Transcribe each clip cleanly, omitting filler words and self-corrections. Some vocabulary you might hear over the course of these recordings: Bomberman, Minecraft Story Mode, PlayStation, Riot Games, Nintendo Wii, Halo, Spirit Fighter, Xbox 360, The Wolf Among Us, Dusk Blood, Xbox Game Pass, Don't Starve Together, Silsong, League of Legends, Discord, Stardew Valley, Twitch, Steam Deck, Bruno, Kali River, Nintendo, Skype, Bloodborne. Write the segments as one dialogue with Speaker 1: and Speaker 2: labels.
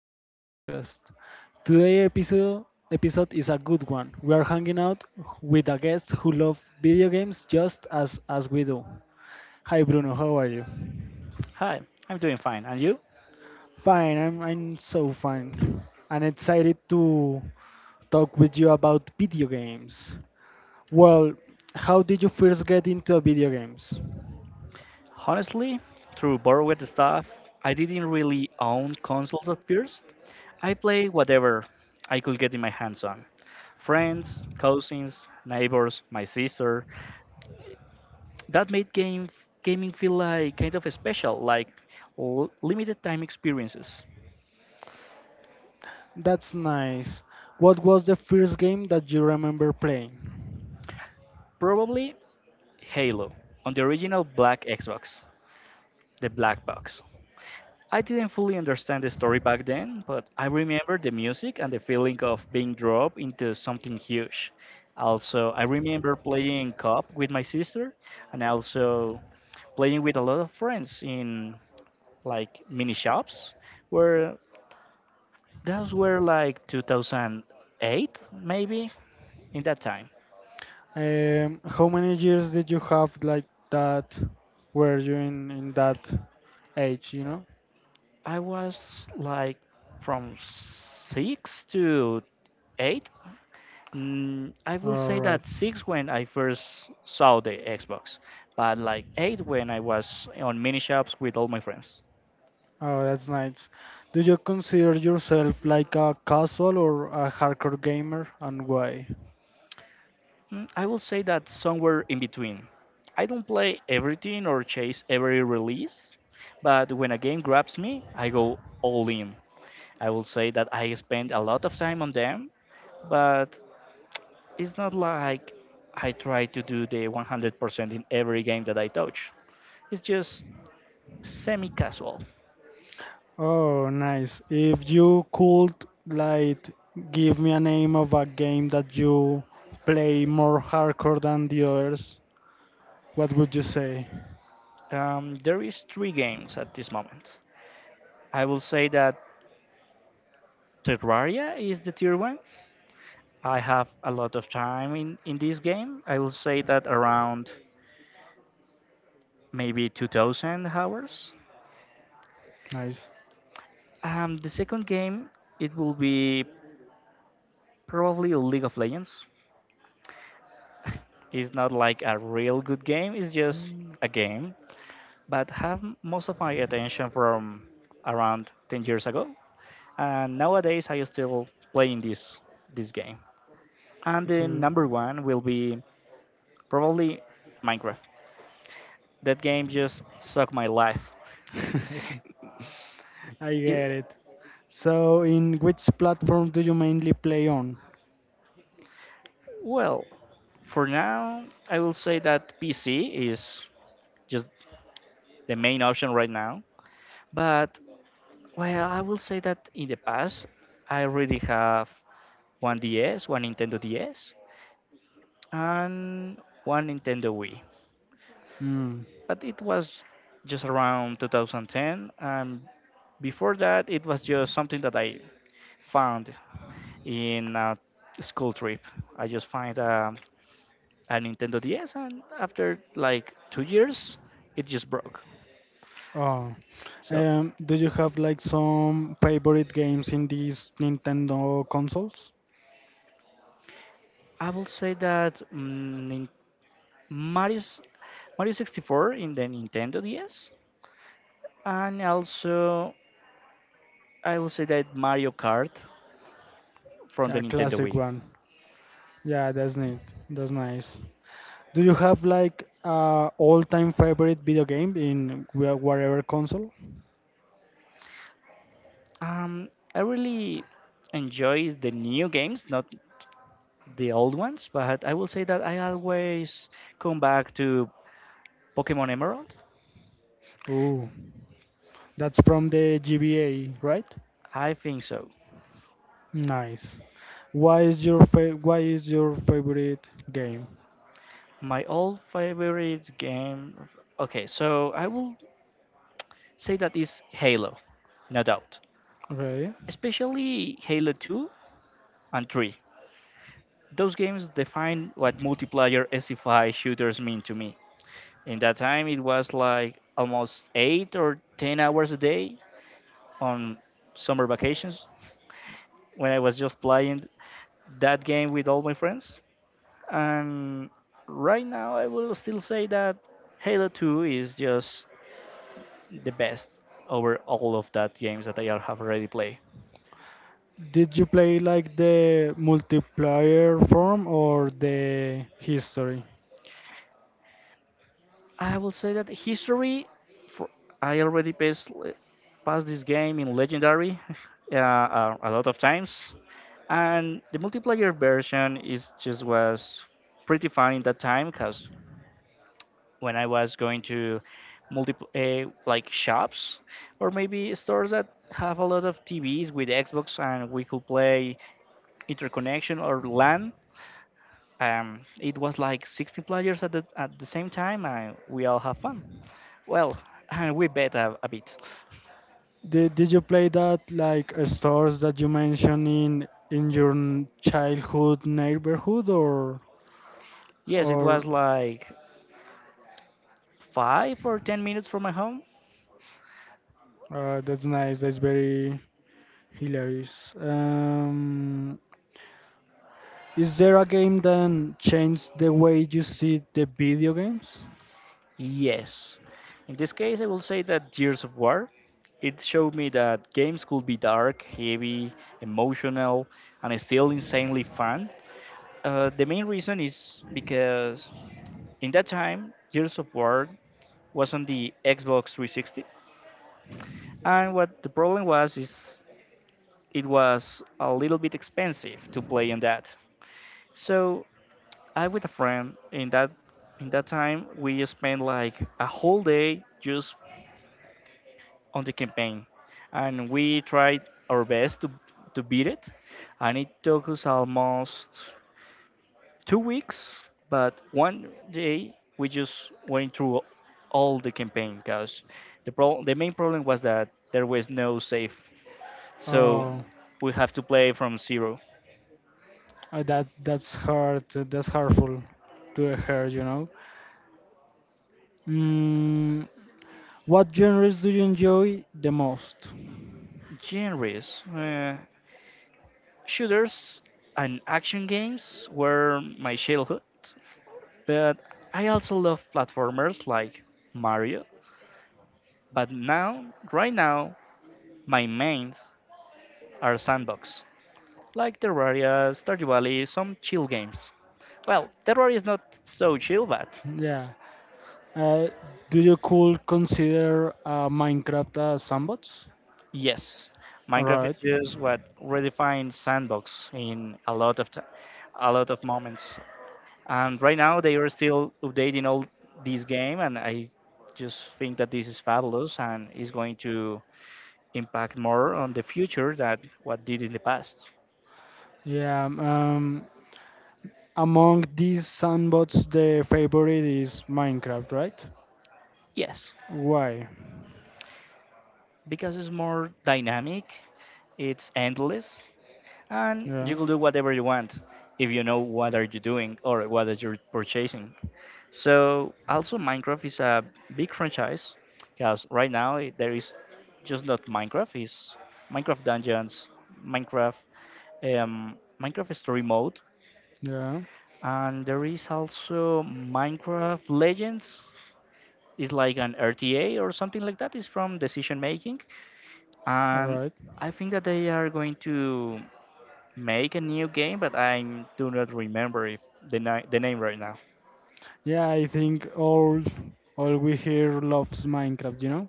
Speaker 1: to this podcast. Today episode episode is a good one. We are hanging out with a guest who loves video games just as we do. Hi Bruno, how are you?
Speaker 2: Hi, I'm doing fine. And you?
Speaker 1: Fine, I'm so fine. I'm excited to talk with you about video games. Well, how did you first get into video games?
Speaker 2: Honestly, through bored with the stuff, I didn't really own consoles at first. I played whatever I could get in my hands on. Friends, cousins, neighbors, my sister. That made game gaming feel like kind of special, like limited time experiences.
Speaker 1: That's nice. What was the first game that you remember playing?
Speaker 2: Probably Halo on the original black Xbox, the black box. I didn't fully understand the story back then, but I remember the music and the feeling of being dropped into something huge. Also, I remember playing cop with my sister and also playing with a lot of friends in like mini shops where those were like 2008 maybe in that time.
Speaker 1: How many years did you have like that? Were you in that age?
Speaker 2: I was like from 6 to 8. I will
Speaker 1: All
Speaker 2: say
Speaker 1: right.
Speaker 2: that six when I first saw the Xbox, but like eight when I was on mini shops with all my friends.
Speaker 1: Oh, that's nice. Do you consider yourself like a casual or a hardcore gamer, and why?
Speaker 2: I will say that somewhere in between. I don't play everything or chase every release, but when a game grabs me, I go all in. I will say that I spend a lot of time on them, but it's not like I try to do the 100% in every game that I touch. It's just semi casual.
Speaker 1: Oh, nice. If you could like give me a name of a game that you play more hardcore than the others. What would you say?
Speaker 2: There is three games at this moment. I will say that Terraria is the tier one. I have a lot of time in this game. I will say that around maybe 2000 hours.
Speaker 1: Nice.
Speaker 2: The second game, it will be probably League of Legends. It's not like a real good game, it's just a game. But have most of my attention from around 10 years ago. And nowadays I still playing this game. And the
Speaker 1: Okay.
Speaker 2: number one will be probably Minecraft. That game just sucked my life.
Speaker 1: I get
Speaker 2: it,
Speaker 1: it. So, in which platform do you mainly play on?
Speaker 2: well, for now, I will say that PC is just the main option right now. But, well, I will say that in the past, I already have one DS, one Nintendo DS, and one Nintendo Wii.
Speaker 1: Mm.
Speaker 2: But it was just around 2010, and before that, it was just something that I found in a school trip. I just find a Nintendo DS, and after like 2 years, it just broke.
Speaker 1: Oh.
Speaker 2: So
Speaker 1: Do you have like some favorite games in these Nintendo consoles?
Speaker 2: I will say that Mario's, Mario 64 in the Nintendo DS, and also I will say that Mario Kart from the
Speaker 1: A
Speaker 2: Nintendo
Speaker 1: classic
Speaker 2: Wii.
Speaker 1: one. Yeah, that's neat. That's nice. Do you have like a all-time favorite video game in whatever console?
Speaker 2: I really enjoy the new games, not the old ones, but I will say that I always come back to Pokemon Emerald.
Speaker 1: Ooh. That's from the GBA, right?
Speaker 2: I think so.
Speaker 1: Nice. Why is your favorite game?
Speaker 2: My all favorite game. Okay, so I will say that is Halo, no doubt.
Speaker 1: Okay.
Speaker 2: Especially Halo 2 and 3. Those games define what multiplayer SFI shooters mean to me. In that time, it was like almost 8 or 10 hours a day on summer vacations when I was just playing that game with all my friends. And right now, I will still say that Halo 2 is just the best over all of that games that I have already played.
Speaker 1: Did you play like the multiplayer form or the history?
Speaker 2: I will say that history, for I already passed this game in legendary a lot of times, and the multiplayer version is just was pretty fun in that time because when I was going to multi like shops or maybe stores that have a lot of TVs with Xbox and we could play interconnection or LAN. It was like 16 players at the same time, and we all have fun. Well, and we bet a bit.
Speaker 1: Did you play that like stores that you mentioned in your childhood neighborhood
Speaker 2: Yes, it was
Speaker 1: or
Speaker 2: like five or 10 minutes from my home.
Speaker 1: that's nice. That's very hilarious. Is there a game that changed the way you see the video games?
Speaker 2: Yes. In this case, I will say that Years of War. It showed me that games could be dark, heavy, emotional, and still insanely fun. The main reason is because in that time, Years of War was on the Xbox 360, and what the problem was is it was a little bit expensive to play on that. So I with a friend in that time we spent like a whole day just on the campaign and we tried our best to beat it and it took us almost 2 weeks, but one day we just went through all the campaign because the main problem was that there was no save. So
Speaker 1: Oh,
Speaker 2: we have to play from zero
Speaker 1: that's hard. That's hurtful to hear, you know. Mm, what genres do you enjoy the most?
Speaker 2: genres. Shooters and action games were my childhood, but I also love platformers like Mario. But now, right now, my mains are sandbox, like Terraria, Stardew Valley, some chill games. Well, Terraria is not so chill, but
Speaker 1: Yeah. Uh, do you could consider Minecraft sandbox?
Speaker 2: yes,
Speaker 1: All
Speaker 2: Minecraft is
Speaker 1: right.
Speaker 2: just what redefines sandbox in a lot of moments. And right now they are still updating all this game and I just think that this is fabulous and is going to impact more on the future than what did in the past.
Speaker 1: Yeah, among these sandbots, the favorite is Minecraft, right?
Speaker 2: Yes,
Speaker 1: Why?
Speaker 2: because it's more dynamic, it's endless, and
Speaker 1: Yeah.
Speaker 2: you can do whatever you want if you know what are you doing or what is you're purchasing. So also Minecraft is a big franchise because right now there is just not Minecraft, is Minecraft Dungeons, Minecraft, Minecraft Story Mode,
Speaker 1: Yeah.
Speaker 2: and there is also Minecraft Legends. It's like an RTA or something like that. It's from decision making,
Speaker 1: All
Speaker 2: and
Speaker 1: right.
Speaker 2: I think that they are going to make a new game, but I do not remember if the name right now.
Speaker 1: Yeah, I think all we here loves Minecraft. You know.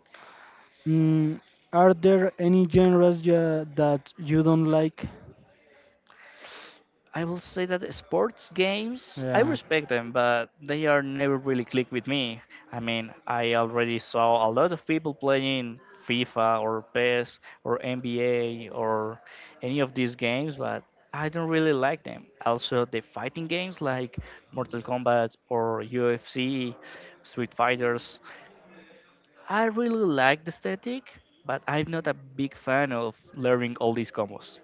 Speaker 1: Mm, are there any genres that you don't like?
Speaker 2: I will say that the sports games, I
Speaker 1: Yeah.
Speaker 2: respect them, but they are never really click with me. I mean, I already saw a lot of people playing FIFA or PES or NBA or any of these games, but I don't really like them. Also, the fighting games like Mortal Kombat or UFC, Street Fighters, I really like the aesthetic, but I'm not a big fan of learning all these combos.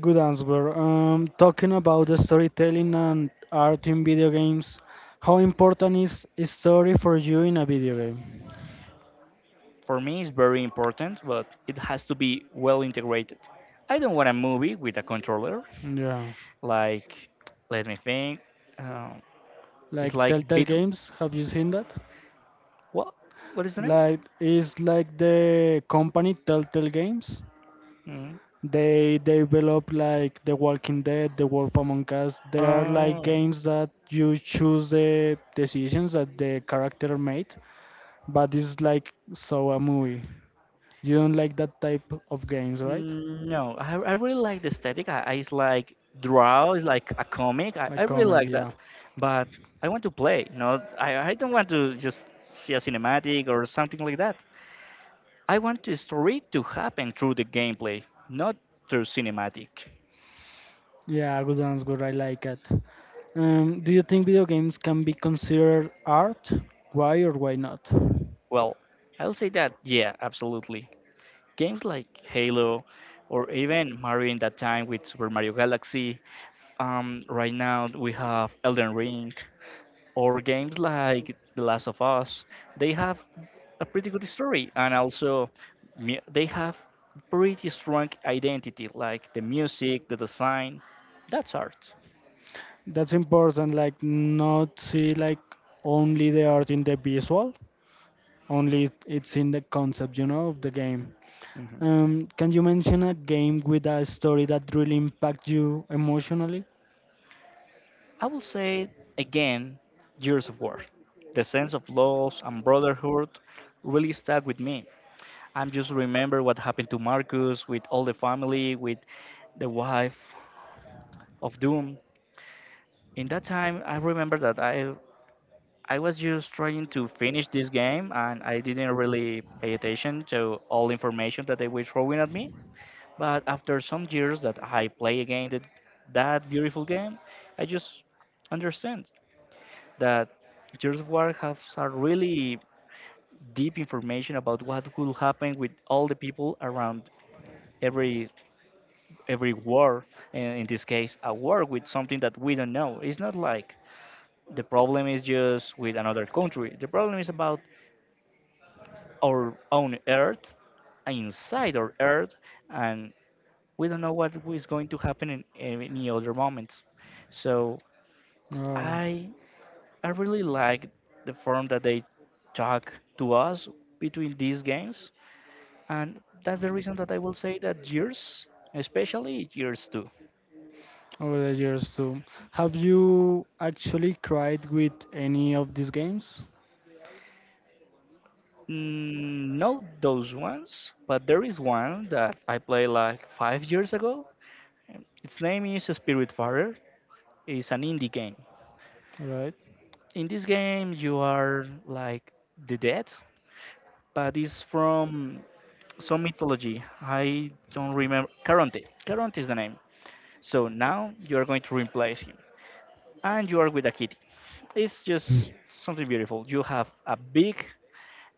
Speaker 1: Good answer. Talking about the storytelling and art in video games, how important is story for you in a video game?
Speaker 2: For me it's very important, but it has to be well integrated. I don't want a movie with a controller.
Speaker 1: Yeah.
Speaker 2: Like, let me think. Um, it's
Speaker 1: Like
Speaker 2: like
Speaker 1: Telltale
Speaker 2: bit
Speaker 1: Games, have you seen that?
Speaker 2: what? What is the name?
Speaker 1: Like it's like the company Telltale Games.
Speaker 2: Mm.
Speaker 1: They develop like The Walking Dead, The Wolf Among Us. There are like
Speaker 2: Um,
Speaker 1: games that you choose the decisions that the character made, but it's like so a movie. You don't like that type of games, right?
Speaker 2: no, I really like the aesthetic. I it's like draw, it's like a comic. I
Speaker 1: Like
Speaker 2: really
Speaker 1: comic,
Speaker 2: like
Speaker 1: yeah.
Speaker 2: that, but I want to play. No, I don't want to just see a cinematic or something like that. I want the story to happen through the gameplay, not through cinematic.
Speaker 1: Yeah, good one's good. I like it. Do you think video games can be considered art? Why or why not?
Speaker 2: Well, I'll say that, yeah, absolutely. Games like Halo or even Mario in that time with Super Mario Galaxy, right now we have Elden Ring, or games like The Last of Us, they have a pretty good story and also they have pretty strong identity, like the music, the design. That's art.
Speaker 1: That's important, like not see like only the art in the visual, only it's in the concept, you know, of the game.
Speaker 2: Mhm.
Speaker 1: Can you mention a game with a story that really impacts you emotionally?
Speaker 2: I will say again, years of work. The sense of loss and brotherhood really stuck with me. I just remember what happened to Marcus with all the family, with the wife of Doom. In that time, I remember that I was just trying to finish this game and I didn't really pay attention to all information that they were throwing at me. But after some years that I play again that beautiful game, I just understand that Gears of War has a really deep information about what will happen with all the people around every every war, and in this case, a war with something that we don't know. It's not like the problem is just with another country. The problem is about our own Earth, inside our Earth, and we don't know what is going to happen in any other moment. So
Speaker 1: Oh,
Speaker 2: I I really like the form that they talk to us between these games, and that's the reason that I will say that years, especially years two.
Speaker 1: over the years too. Have you actually cried with any of these games?
Speaker 2: Not those ones, but there is one that I played like 5 years ago. And its name is Spirit Fighter. It's an indie game.
Speaker 1: Right.
Speaker 2: In this game, you are like the dead, but it's from some mythology. I don't remember. Caronte. Caronte is the name. So now you are going to replace him, and you are with a kitty. It's just something beautiful. You have a big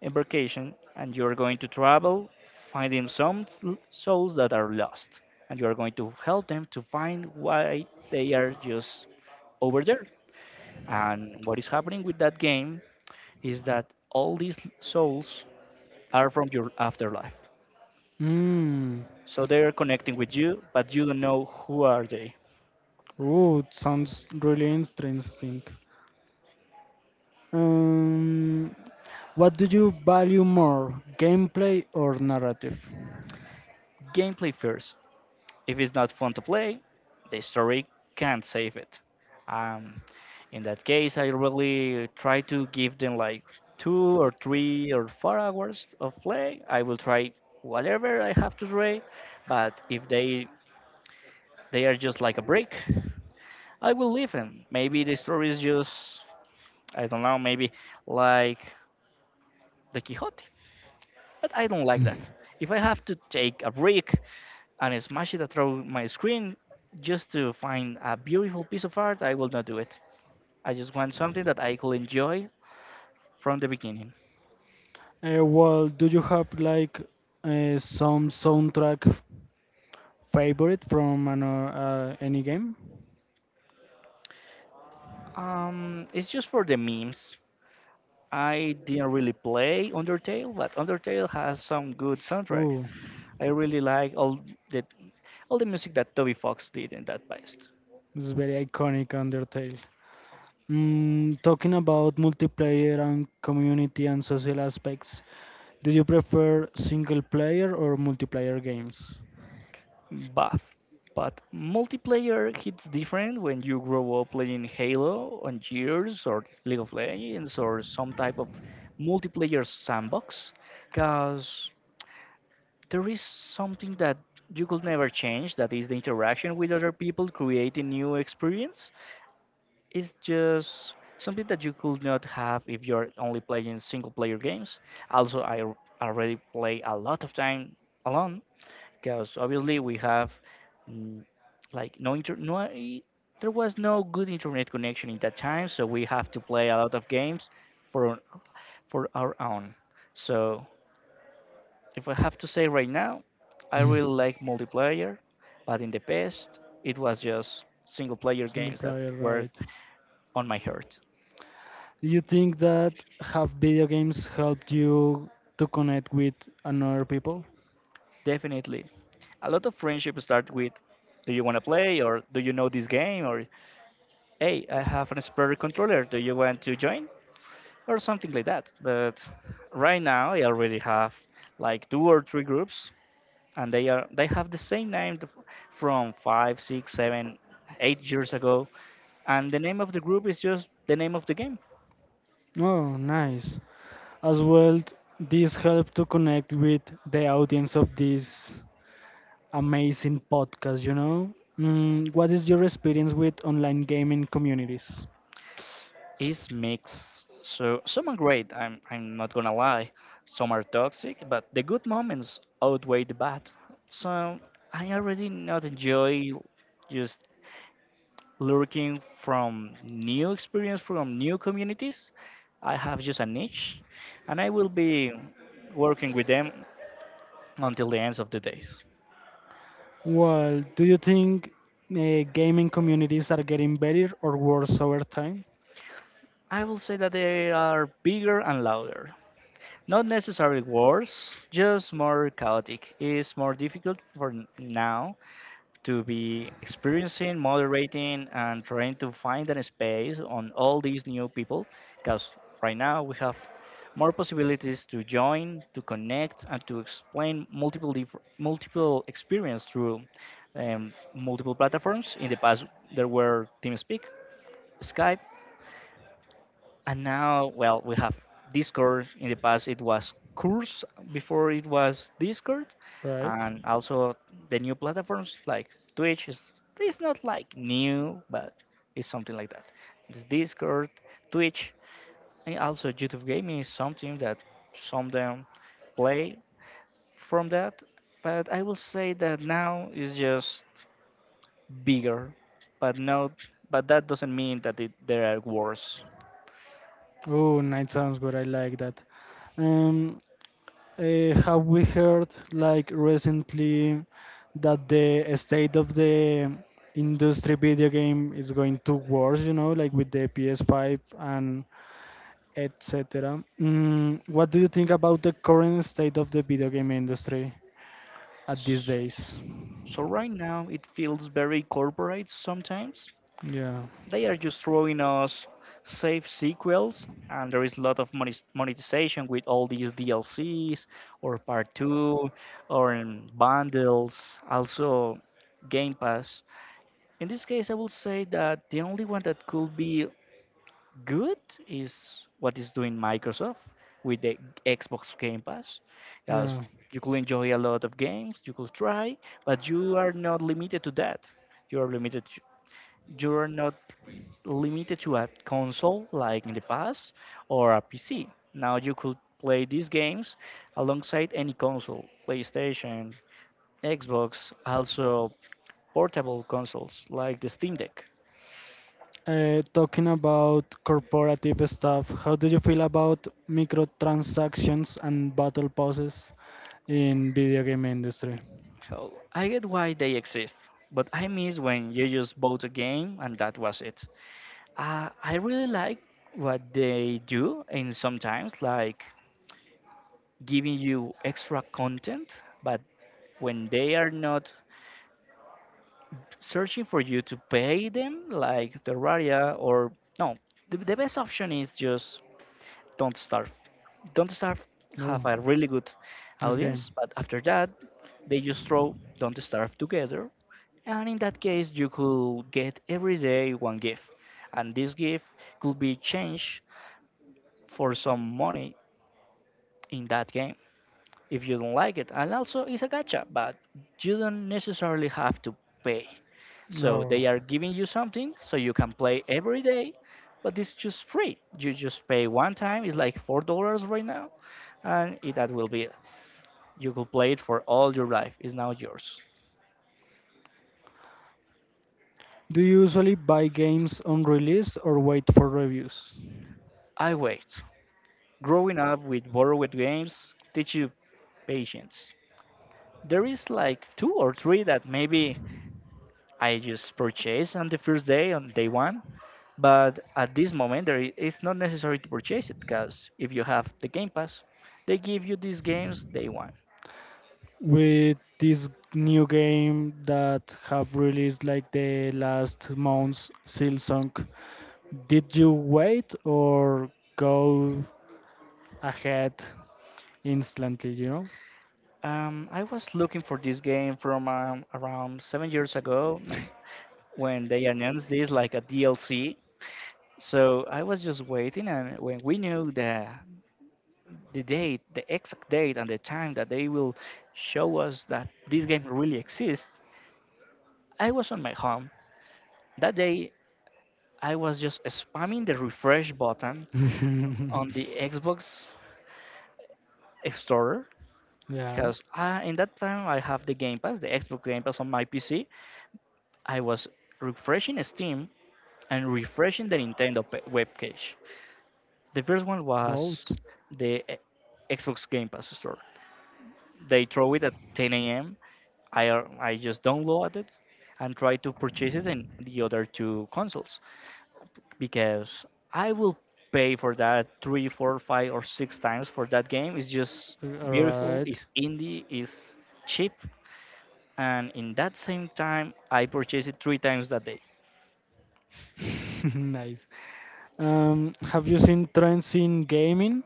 Speaker 2: embarkation, and you are going to travel, finding some souls that are lost, and you are going to help them to find why they are just over there. And what is happening with that game is that all these souls are from your afterlife.
Speaker 1: Hmm.
Speaker 2: So they are connecting with you, but you don't know who are they.
Speaker 1: Oh, it sounds really interesting. Um, what do you value more, gameplay or narrative?
Speaker 2: Gameplay first. If it's not fun to play, the story can't save it. Um, in that case, I really try to give them like 2 or 3 or 4 hours of play. I will try whatever I have to try, but if they are just like a break, I will leave them. Maybe the story is just I don't know. Maybe like the Quixote, but I don't like that. If I have to take a break and smash it through my screen just to find a beautiful piece of art, I will not do it. I just want something that I could enjoy from the beginning.
Speaker 1: Well, do you have like some soundtrack favorite from any game?
Speaker 2: It's just for the memes. I didn't really play Undertale, but Undertale has some good soundtrack.
Speaker 1: Ooh,
Speaker 2: I really like the all the music that Toby Fox did in that past.
Speaker 1: this is very iconic Undertale. Mm, talking about multiplayer and community and social aspects, do you prefer single player or multiplayer games?
Speaker 2: Buff. But multiplayer hits different when you grow up playing Halo on Gears or League of Legends or some type of multiplayer sandbox, because there is something that you could never change, that is the interaction with other people creating new experience. It's just something that you could not have if you're only playing single player games. Also, already play a lot of time alone, because obviously we have mm, like no inter no I- there was no good internet connection in that time, so we have to play a lot of games for for our own. So if I have to say right now, I really like multiplayer, but in the past it was just single player
Speaker 1: Single
Speaker 2: games that
Speaker 1: player,
Speaker 2: were
Speaker 1: right.
Speaker 2: on my heart.
Speaker 1: Do you think that have video games helped you to connect with another people?
Speaker 2: Definitely. A lot of friendship start with, do you want to play, or do you know this game, or hey, I have an spare controller, do you want to join? Or something like that. But right now, I already have like two or three groups, and they have the same name from five, six, seven, 8 years ago, and the name of the group is just the name of the game.
Speaker 1: Oh, nice. As well, this helped to connect with the audience of this amazing podcast, you know? Mm, what is your experience with online gaming communities?
Speaker 2: Is mixed. So some are great. I'm not gonna lie. Some are toxic, but the good moments outweigh the bad. So I already not enjoy just looking from new experience from new communities. I have just a niche, and I will be working with them until the ends of the days.
Speaker 1: Well, do you think gaming communities are getting better or worse over time?
Speaker 2: I will say that they are bigger and louder. Not necessarily worse, just more chaotic. It's more difficult for now to be experiencing, moderating, and trying to find a space on all these new people, because right now we have more possibilities to join, to connect, and to explain multiple experience through multiple platforms. In the past, there were TeamSpeak, Skype, and now, well, we have Discord. In the past, it was Curse. Before it was Discord,
Speaker 1: Right?
Speaker 2: and also the new platforms like Twitch is, it's not like new, but it's something like that. It's Discord, Twitch, and also YouTube Gaming is something that some them play from that. But I will say that now is just bigger, but no, but that doesn't mean that it, there are worse.
Speaker 1: Oh, night sounds good. I like that. Um, have we heard like recently that the state of the industry video game is going to worse? You know, like with the PS5 and etc. Mm, what do you think about the current state of the video game industry at these days?
Speaker 2: So right now it feels very corporate sometimes.
Speaker 1: Yeah,
Speaker 2: They are just throwing us safe sequels, and there is a lot of monetization with all these DLCs or part two or in bundles, also Game Pass. In this case, I will say that the only one that could be good is what is doing Microsoft with the Xbox Game Pass. Because
Speaker 1: yeah.
Speaker 2: you could enjoy a lot of games, you could try, but you are not limited to that. You are limited. To, you are not limited to a console like in the past or a PC. Now you could play these games alongside any console, PlayStation, Xbox, also portable consoles like the Steam Deck.
Speaker 1: Talking about corporative stuff, how do you feel about microtransactions and battle passes in video game industry?
Speaker 2: Oh, I get why they exist, but I miss when you just bought a game and that was it. I really like what they do, and sometimes like giving you extra content, but when they are not searching for you to pay them, like Terraria or no, the best option is just don't starve. Don't starve have
Speaker 1: Oh,
Speaker 2: a really good
Speaker 1: this game.
Speaker 2: audience, but after that, they just throw Don't Starve together. And in that case, you could get every day one gift, and this gift could be changed for some money in that game if you don't like it. And also, it's a gacha, but you don't necessarily have to pay. So
Speaker 1: Oh,
Speaker 2: they are giving you something so you can play every day, but it's just free. You just pay one time. It's like $4 right now, and it, that will be it. You could play it for all your life. It's now yours.
Speaker 1: do you usually buy games on release or wait for reviews?
Speaker 2: I wait. Growing up with borrowed games teaches patience. There is like two or three that maybe I just purchase on the first day, on day one. But at this moment, it's not necessary to purchase it because if you have the Game Pass, they give you these games day one.
Speaker 1: With this new game that have released like the last months, Silsong, did you wait or go ahead instantly, you
Speaker 2: I was looking for this game from around 7 years ago no, when they announced this like a DLC. So I was just waiting, and when we knew the date, the exact date, and the time that they will show us that this game really exists, I was on my home. That day, I was just spamming the refresh button
Speaker 1: know?
Speaker 2: on the Xbox Store
Speaker 1: Yeah,
Speaker 2: because in that time I have the Game Pass, the Xbox Game Pass on my PC. I was refreshing Steam and refreshing the webpage. The first one
Speaker 1: both.
Speaker 2: was the e- Xbox Game Pass Store. They throw it at 10 a.m. I just downloaded it and try to purchase it in the other two consoles. Because I will pay for that three, four, five, or six times for that game. It's just
Speaker 1: All
Speaker 2: beautiful.
Speaker 1: right.
Speaker 2: It's indie. It's cheap, and in that same time, I purchased it three times that day.
Speaker 1: Nice. Have you seen trends in gaming?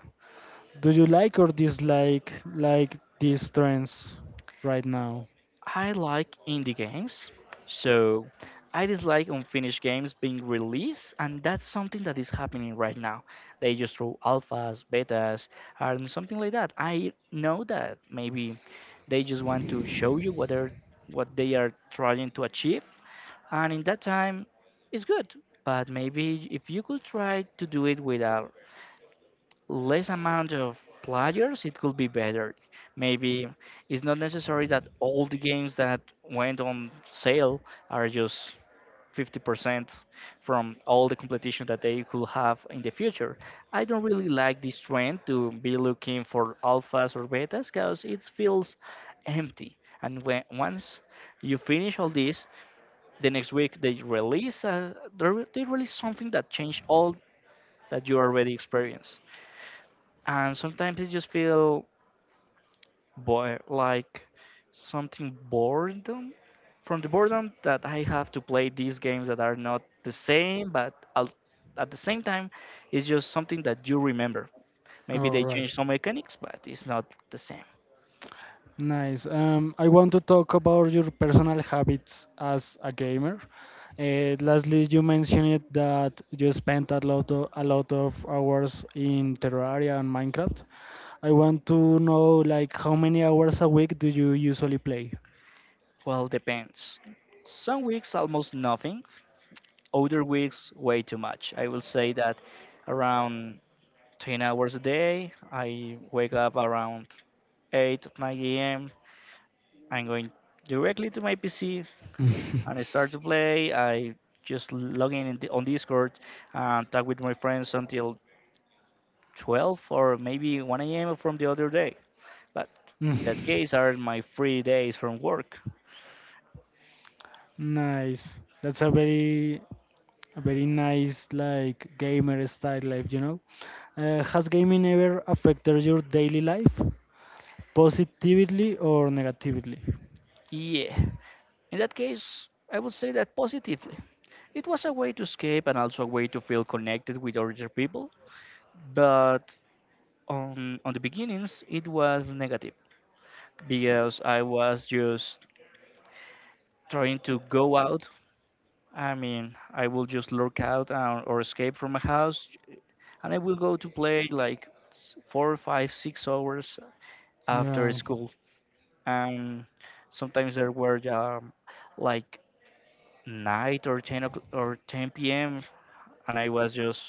Speaker 1: Do you like or dislike like these trends right now?
Speaker 2: I like indie games, so I dislike unfinished games being released, and that's something that is happening right now. They just throw alphas, betas, and something like that. I know that maybe they just want to show you what they are trying to achieve, and in that time, it's good. But maybe if you could try to do it without less amount of players, it could be better. Maybe it's not necessary that all the games that went on sale are just 50% from all the competition that they could have in the future. I don't really like this trend to be looking for alphas or betas because it feels empty. And when once you finish all this, the next week they release they release something that changed all that you already experienced, and sometimes I just feel bored, like something boredom from the boredom that I have to play these games that are not the same, at the same time, it's just something that you remember. Maybe
Speaker 1: All
Speaker 2: they
Speaker 1: right.
Speaker 2: change some mechanics, but it's not the same.
Speaker 1: Nice. I want to talk about your personal habits as a gamer. Lastly, you mentioned it that you spent a lot of hours in Terraria and Minecraft. I want to know like how many hours a week do you usually play?
Speaker 2: Well, depends. Some weeks almost nothing, other weeks way too much. I will say that around 10 hours a day, I wake up around 8, 9 a.m. I'm going directly to my PC and I start to play. I just log in, on Discord and talk with my friends until 12 or maybe 1 a.m. from the other day. But
Speaker 1: Mm.
Speaker 2: in that case, are my free days from work.
Speaker 1: Nice. That's a very nice like gamer style life, you know. Has gaming ever affected your daily life? Positively or negatively.
Speaker 2: Yeah. In that case, I would say that positively. It was a way to escape and also a way to feel connected with other people. But on the beginnings, it was negative because I was just trying to go out, I mean, I will just lurk out or escape from my house, and I will go to play like four, five, 6 hours after
Speaker 1: Yeah.
Speaker 2: school. And sometimes there were like night or 10 o'clock or 10 p.m., and I was just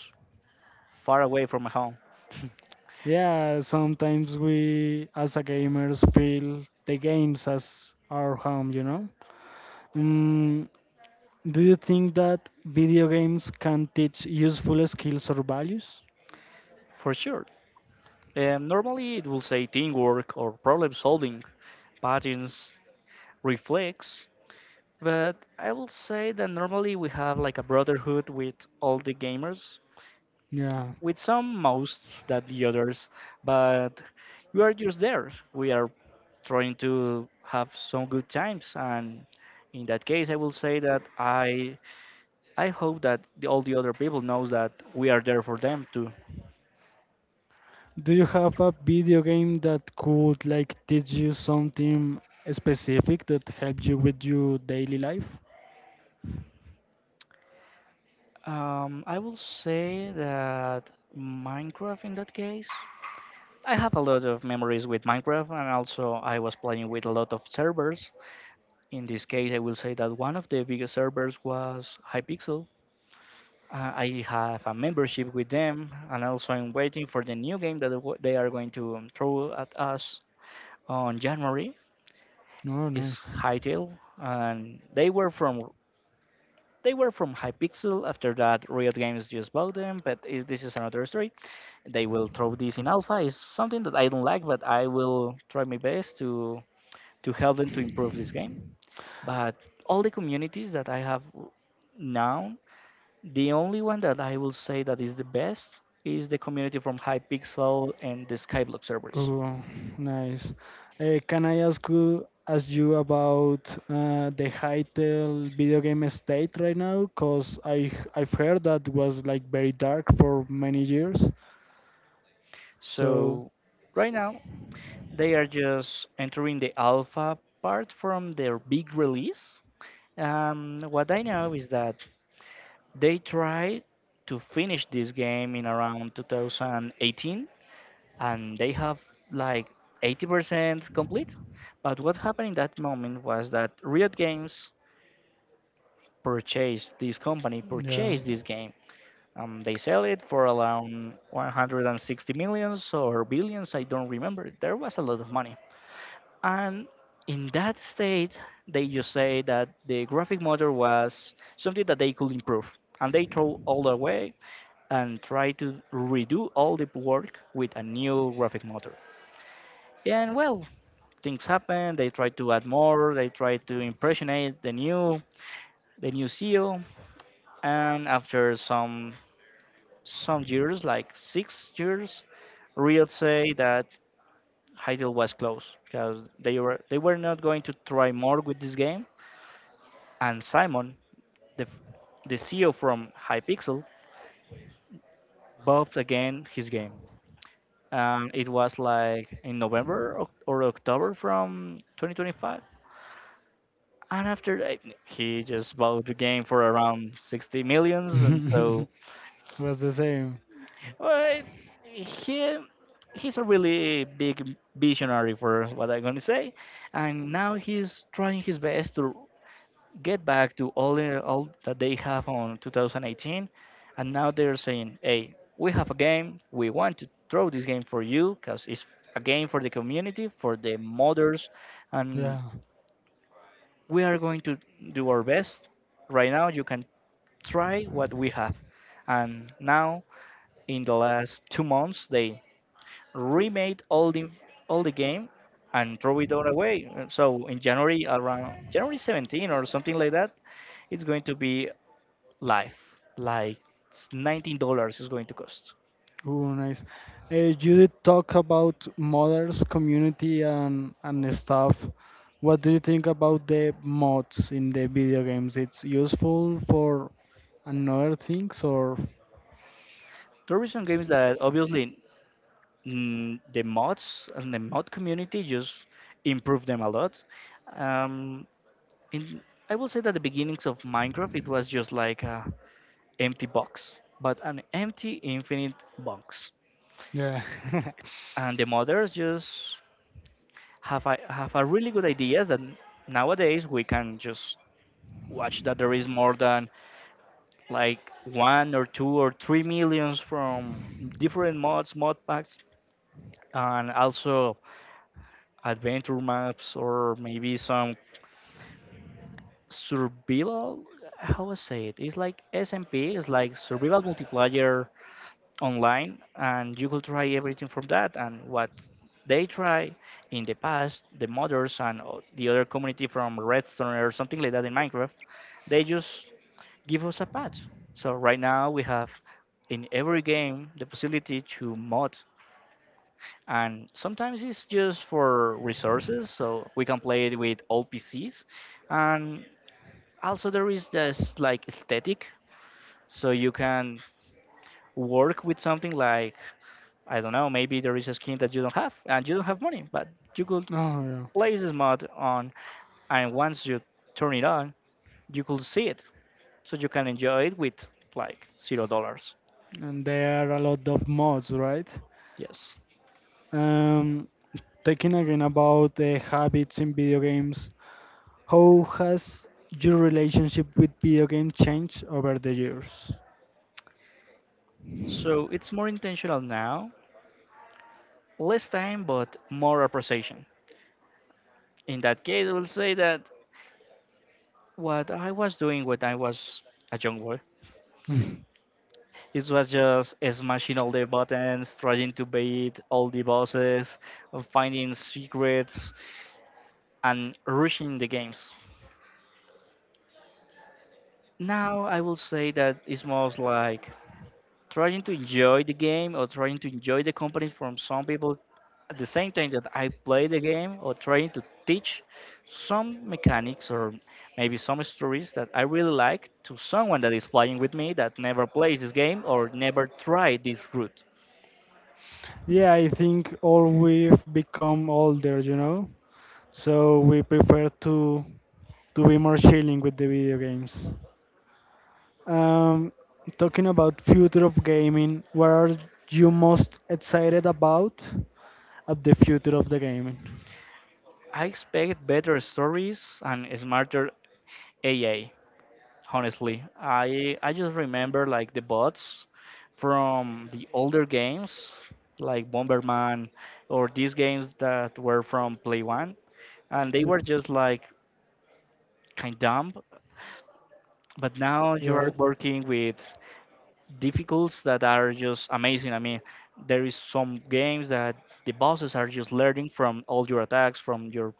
Speaker 2: far away from my home,
Speaker 1: Yeah, sometimes we as a gamers feel the games as our home, you know? Mm, do you think that video games can teach useful skills or values?
Speaker 2: for sure. Normally, it will say teamwork or problem solving, patterns, reflex. But I will say that normally we have like a brotherhood with all the gamers,
Speaker 1: Yeah.
Speaker 2: with some most than the others, but we are just there. We are trying to have some good times, and in that case, I will say that I hope that all the other people knows that we are there for them too.
Speaker 1: Do you have a video game that could like teach you something specific that helped you with your daily life?
Speaker 2: I will say that Minecraft in that case. I have a lot of memories with Minecraft, and also I was playing with a lot of servers. In this case, I will say that one of the biggest servers was Hypixel. I have a membership with them, and also I'm waiting for the new game that they are going to throw at us on January.
Speaker 1: No,
Speaker 2: It's
Speaker 1: nice.
Speaker 2: Hytale, and they were from Hypixel. After that, Riot Games just bought them, but is this is another story. They will throw this in alpha. It's something that I don't like, but I will try my best to help them to improve this game. But all the communities that I have now, the only one that I will say that is the best is the community from Hypixel and the Skyblock servers.
Speaker 1: Oh, nice. Can I ask you about the Hytale video game state right now? Because I've heard that was like very dark for many years. So
Speaker 2: So right now they are just entering the alpha part from their big release. What I know is that they tried to finish this game in around 2018 and they have like 80% complete. But what happened in that moment was that Riot Games purchased this company,
Speaker 1: yeah,
Speaker 2: purchased this game. They sell it for around 160 millions or billions, I don't remember. There was a lot of money. And in that state, they just say that the graphic motor was something that they could improve. And they throw all the way and try to redo all the work with a new graphic motor. And well, things happen. They try to add more. They try to impressionate the new CEO. And after some years, like 6 years, Real say that Heidel was close because they were not going to try more with this game. And Simon, the f- the CEO from Hypixel, buffed again his game. And it was like in November or October from 2025. And after that, he just bought the game for around 60 millions, and so.
Speaker 1: was the same.
Speaker 2: Well, he he's a really big visionary for what I'm gonna say, and now he's trying his best to get back to all that they have on 2018, and now they're saying, "Hey, we have a game. We want to throw this game for you because it's a game for the community, for the modders, and
Speaker 1: Yeah.
Speaker 2: we are going to do our best. Right now, you can try what we have." And now, in the last 2 months, they remade all the game and throw it all away. So in January, around January 17 or something like that, it's going to be live. Like it's $19 is going to cost.
Speaker 1: Oh, nice. You did talk about modders community and stuff. What do you think about the mods in the video games? It's useful for and other things or
Speaker 2: There are some games that obviously, the mods and the mod community just improve them a lot. Um, in, I will say that the beginnings of Minecraft, it was just like a empty box, but an empty infinite box.
Speaker 1: yeah
Speaker 2: And the modders just have I have a really good ideas that nowadays we can just watch that there is more than like one or two or three millions from different mod packs and also adventure maps or maybe some survival, how I say it, it's like SMP, it's like survival multiplayer online, and you could try everything from that. And what they try in the past, the modders and the other community from redstone or something like that in minecraft, they just give us a patch. So right now we have in every game the possibility to mod, and sometimes it's just for resources so we can play it with all pcs. And also there is this like aesthetic, so you can work with something like, I don't know, maybe there is a skin that you don't have and you don't have money, but you could
Speaker 1: oh yeah
Speaker 2: place this mod on, and once you turn it on, you could see it, so you can enjoy it with like $0.
Speaker 1: and there are a lot of mods right
Speaker 2: Yes.
Speaker 1: um taking again about the habits in video games how has your relationship with video games changed over the years
Speaker 2: So it's more intentional now, less time, but more appreciation. In that case, I will say that what I was doing when I was a young boy,
Speaker 1: Mm.
Speaker 2: it was just smashing all the buttons, trying to beat all the bosses, finding secrets, and rushing the games. Now I will say that it's most like trying to enjoy the game or trying to enjoy the company from some people at the same time that I play the game, or trying to teach some mechanics or maybe some stories that I really like to someone that is playing with me that never plays this game or never tried this route.
Speaker 1: Yeah, I think all we've become older, you know, so we prefer to be more chilling with the video games. Um, talking about future of gaming, what are you most excited about at the future of the gaming?
Speaker 2: I expect better stories and smarter AI, honestly. I just remember like the bots from the older games like Bomberman or these games that were from Play One, and they
Speaker 1: Yeah.
Speaker 2: were just like kind of dumb. But now you are
Speaker 1: Right.
Speaker 2: working with difficulties that are just amazing. I mean, there is some games that the bosses are just learning from all your attacks, from your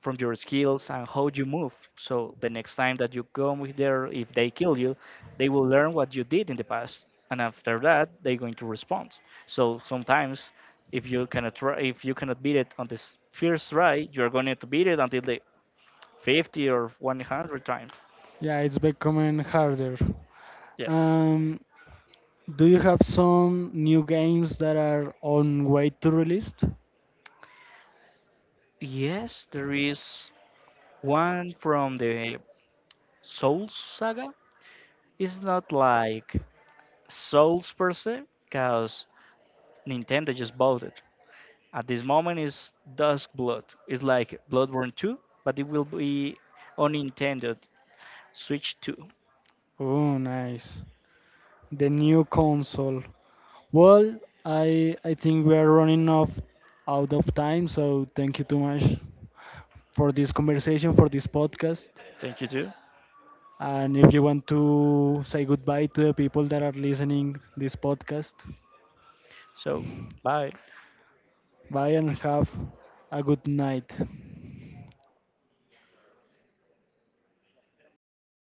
Speaker 2: from your skills and how you move. So the next time that you come with there, if they kill you, they will learn what you did in the past, and after that, they're going to respond. So sometimes, if you cannot beat it on this first try, you're going to beat it until the 50 or 100 times.
Speaker 1: Yeah, it's becoming harder.
Speaker 2: Yes.
Speaker 1: Um, do you have some new games that are on way to release?
Speaker 2: Yes, there is one from the Souls saga. It's not like Souls per se, because Nintendo just bought it. At this moment is Dusk Blood. It's like Bloodborne 2, but it will be on Nintendo Switch 2.
Speaker 1: Oh, nice. The new console. Well, I think we are running off out of time, so thank you too much for this conversation, for this podcast.
Speaker 2: Thank you too.
Speaker 1: And if you want to say goodbye to the people that are listening this podcast,
Speaker 2: So bye.
Speaker 1: bye and have a good night.